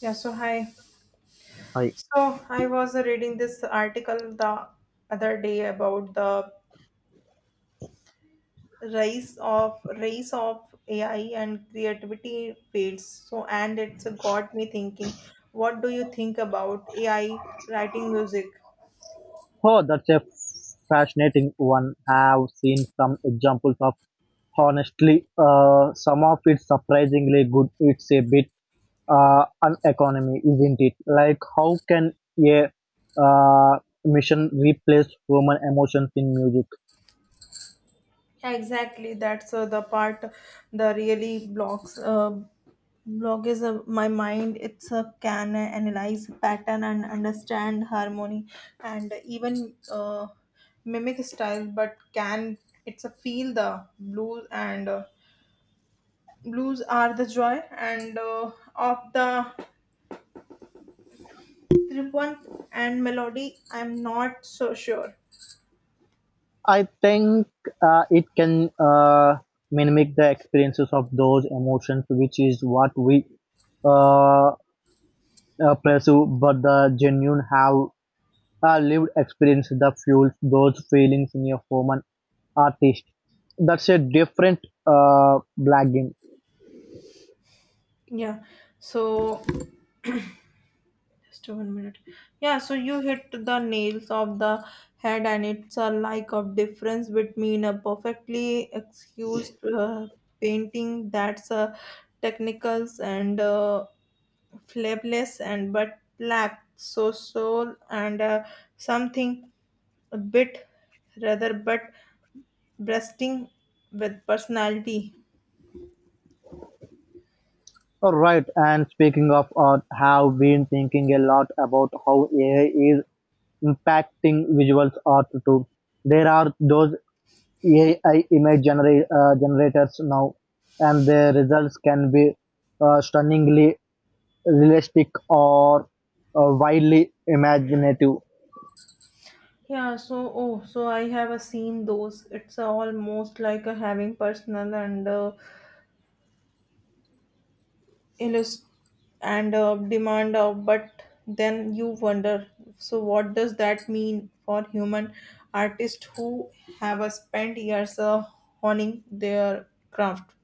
Yeah, so hi. I So I was reading this article the other day about the rise of AI and creativity fields. So and it's got me thinking, what do you think about AI writing music? oh, that's a fascinating one. I have seen some examples of honestly. Some of it's surprisingly good. It's a bit an economy, isn't it? Like how can a uh, mission replace human emotions in music? Yeah, exactly. That's the part the really blocks. Blog is a, my mind. It's a can analyze pattern and understand harmony and even mimic style. But can it's a feel the blues and blues are the joy and of the triumph and melody. I'm not so sure. I think it can mimic the experiences of those emotions, which is what we uh, pursue. But the genuine have our lived experience that fuels those feelings in a human artist. That's a different blagging. Yeah. So just 1 minute. Yeah, so you hit the nails of the head, and it's a like of difference between a perfectly excused painting that's technicals and flavorless and but lack so soul and something a bit rather but breasting with personality. All right, and speaking of art, have been thinking a lot about how AI is impacting visual art too. There are those AI generators now, and their results can be stunningly realistic or wildly imaginative. Yeah, so oh, so I have a seen those. It's almost like a having personal and illust- and demand but then you wonder so what does that mean for human artists who have spent years honing their craft.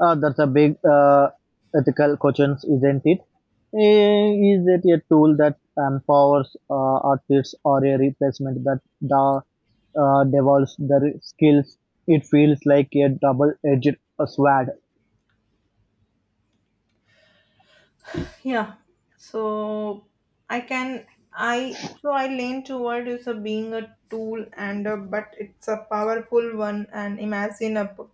That's a big ethical questions, isn't it? Is it a tool that empowers artists or a replacement that da, devolves their skills? It feels like a double-edged sword. Yeah, so I can I so I lean toward is a being a tool and a, but it's a powerful one and imagine a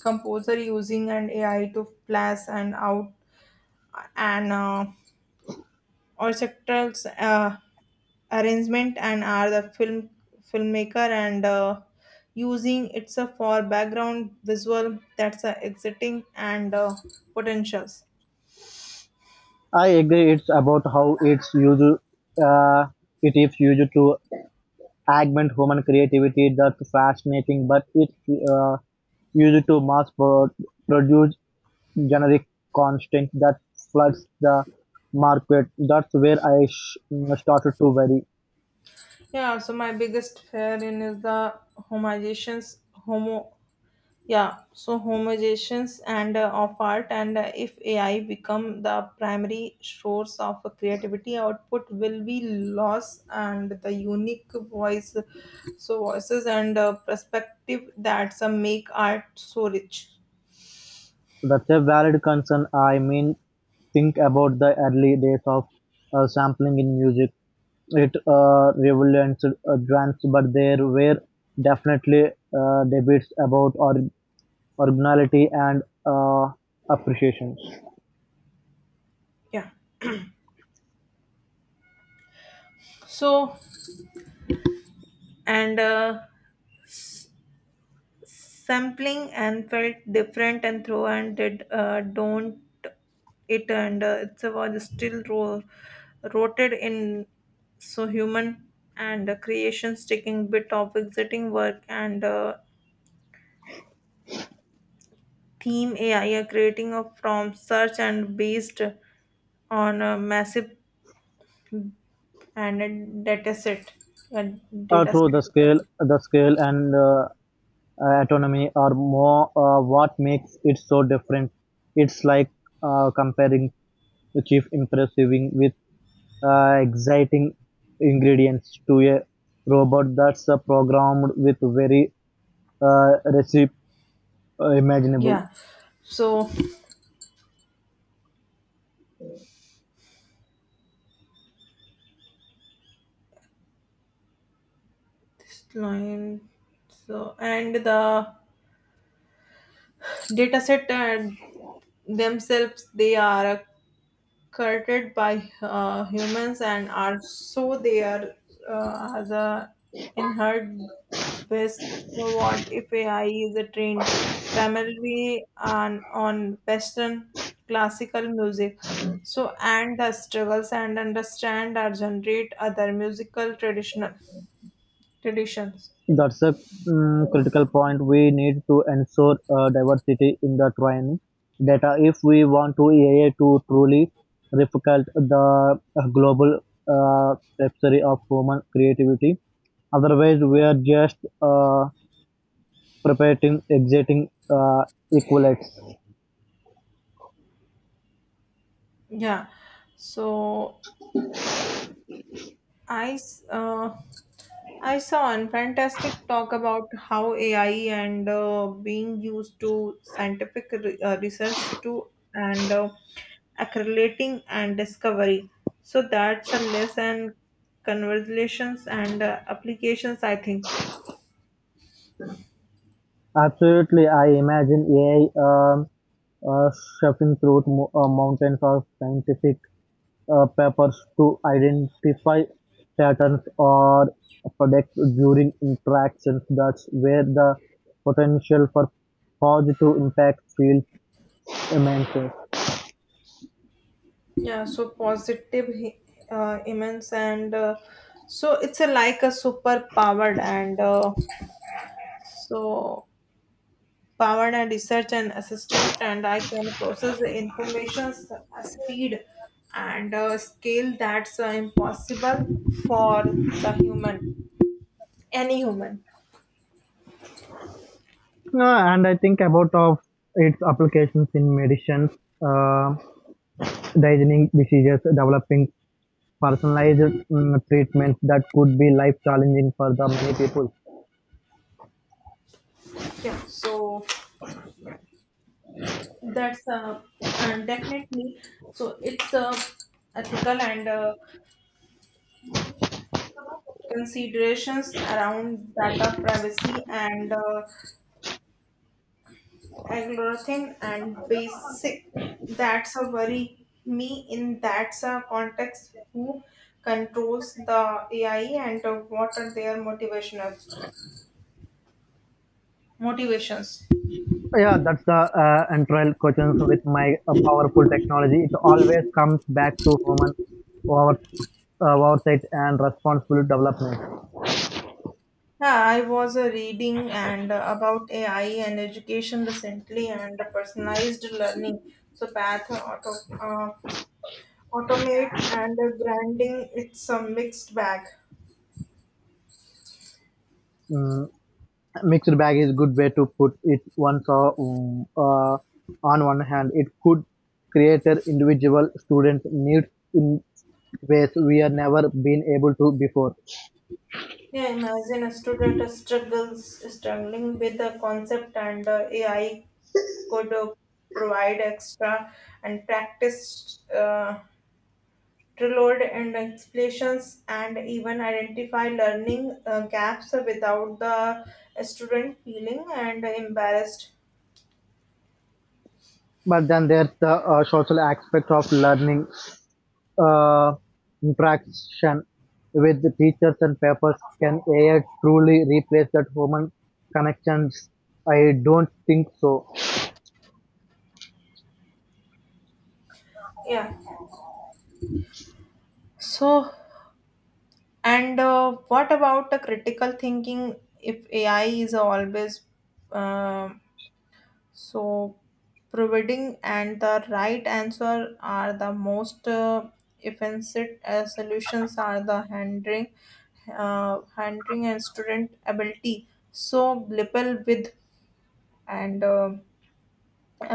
composer using an AI to flash and out and orchestral uh, arrangement and are the filmmaker and using it's a for background visual that's a exiting and potentials. I agree. It's about how it's used. Uh, it is used to augment human creativity. That's fascinating, but it's uh, used to produce generic constant that floods the market. That's where I started to worry. Yeah, so my biggest fear in is the homologations homo yeah, so homogenizations and of art and if AI become the primary source of creativity output will be lost and the unique voices and perspective that some make art so rich. That's a valid concern. I mean, think about the early days of sampling in music. It revolutionized advanced, but there were definitely debates about originality and appreciation. Yeah, so and sampling and felt different and throw and did don't it and it was still rooted in so human and creation taking bit of exiting work and theme AI are creating a from search and based on a massive and a data set and Uh, data through the set. scale, the scale and autonomy or more what makes it so different. It's like comparing the chief impressiving with exciting ingredients to a robot that's programmed with very uh, recipe imaginable. Yeah, so this line so and the data set themselves they are curted by humans and are so they are as a inherent best. So what if AI is a trained primarily on western classical music so and the struggles and understand or generate other musical traditional traditions. That's a critical point. We need to ensure diversity in the training data if we want to AI to truly replicate the global uh, tapestry of human creativity. Otherwise, we are just perpetuating existing equilates. Yeah, so I s- uh, I saw a fantastic talk about how AI and being used to scientific research to and accumulating and discovery. So that's a lesson, conversations and applications, I think. Absolutely, I imagine AI um, uh, shuffling through mountains of scientific papers to identify patterns or predict during interactions. That's where the potential for positive impact feels immense. Yeah. So positive, immense, and so it's a, like a superpowered and so powered and research and assistant and I can process the information at speed and scale that's impossible for the human any human. And I think about of its applications in medicine. Um Diagnosing diseases, developing personalized treatments that could be life-challenging for the many people. Yeah, so that's and definitely so it's ethical and considerations around data privacy and algorithm and basic that's a worry me in that's a context who controls the AI and what are their motivational motivations. Yeah, that's the entire question with my powerful technology. It always comes back to human over, oversight and responsible development. Yeah, I was reading and about AI and education recently and personalized learning so path auto uh, automate and branding it's a mixed bag. Mm, Mixed bag is good way to put it. On one hand, it could create an individual students' needs in ways we are never been able to before. Yeah, imagine a student struggles struggling with the concept and AI could provide extra and practice tailored and explanations and even identify learning gaps without the student feeling and embarrassed. But then there's the social aspect of learning. Uh, Interaction with the teachers and papers, can AI truly replace that human connections? I don't think so. Yeah, so and what about the critical thinking if AI is always um so, providing and the right answer are the most offensive solutions are the handling, handling and student ability. So, grapple with and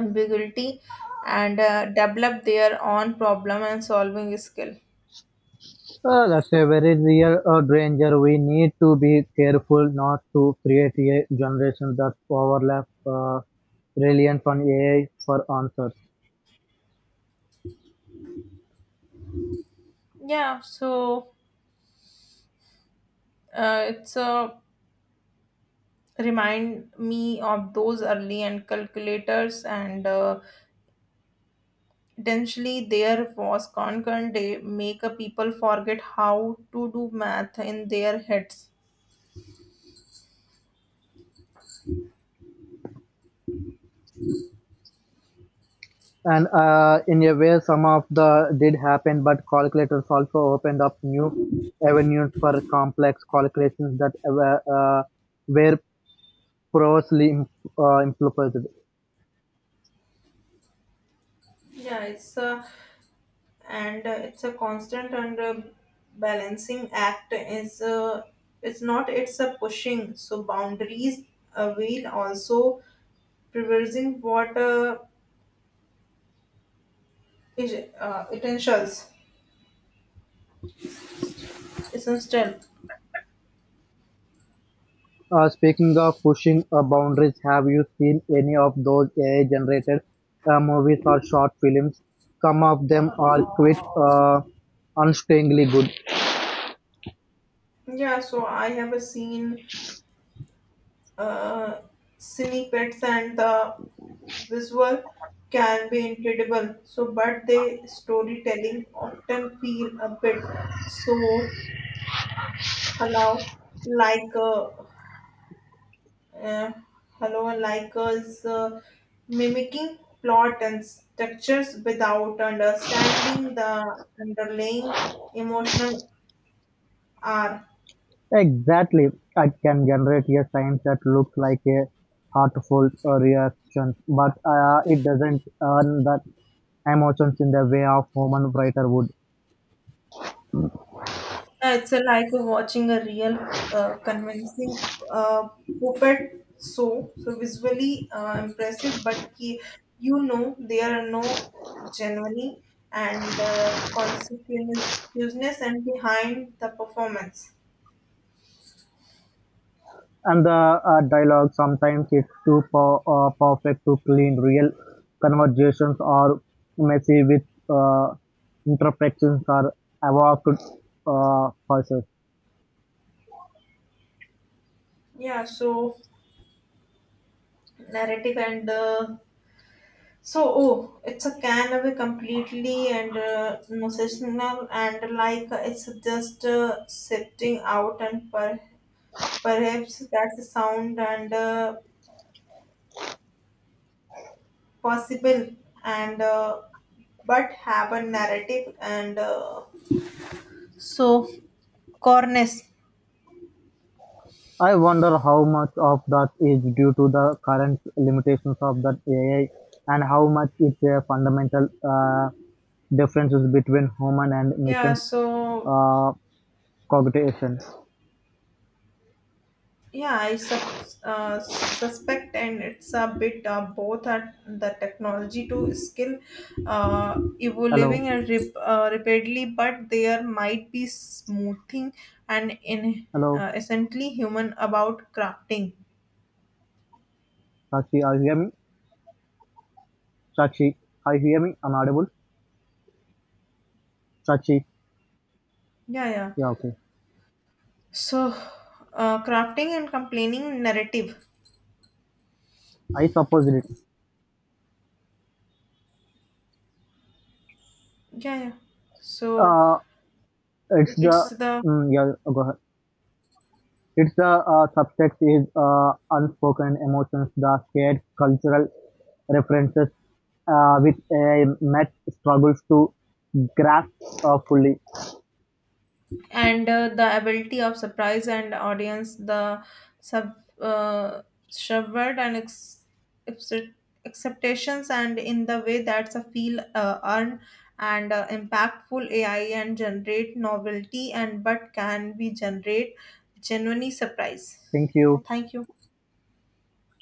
ambiguity and develop their own problem and solving skill. That's a very real danger. We need to be careful not to create a generation that overlap reliant on AI for answers. Yeah, so it's a remind me of those early and calculators and. Potentially, there was concurrent day make a people forget how to do math in their heads. And in a way some of the did happen, but calculators also opened up new avenues for complex calculations that were, were previously impossible. Yeah, it's a and it's a constant and balancing act. Is it's not it's a pushing so boundaries will also preserving what is uh, essentials essential. Speaking of pushing boundaries, have you seen any of those AI-generated movies or short films? Some of them are quick, unstintingly good. Yeah, so I have a seen uh, snippets and the visual can be incredible so but the storytelling often feel a bit so hello like uh, hello and like us mimicking plot and structures without understanding the underlying emotional are. Exactly, it can generate a science that looks like a heartful reaction, but it doesn't earn the emotions in the way of human writer would. It's a like watching a real convincing uh, puppet show. So visually impressive, but you know there are no genuine and consequences and behind the performance. And the dialogue, sometimes it's too perfect to clean. Real conversations are messy with uh, imperfections are evoked process. Yeah, so narrative and so oh, it's a can of a completely and no sessional and like it's just sifting out and per. Perhaps that's sound and possible, and but have a narrative and so, corness. I wonder how much of that is due to the current limitations of that AI and how much it's a fundamental differences between human and Yeah. machine So uh, cognition. yeah, suspect, and it's a bit both are the technology to skill Hello, evolving and rapidly, but there might be smoothing and in hello, essentially human about crafting. Sachi, are you hear me? Sachi, are you hear me? I'm audible. Sachi, Yeah, yeah. yeah, okay. So, crafting and complaining narrative. I suppose it. Yeah, yeah. So Uh, it's it's the the mm, yeah. Go ahead. It's the subtext is unspoken emotions, the shared cultural references with a Met struggles to grasp fully. and the ability of surprise and audience the sub uh, subvert and accept- acceptations and in the way that's a feel earned and impactful AI and generate novelty and but can be generate genuinely surprise. Thank you. Thank you.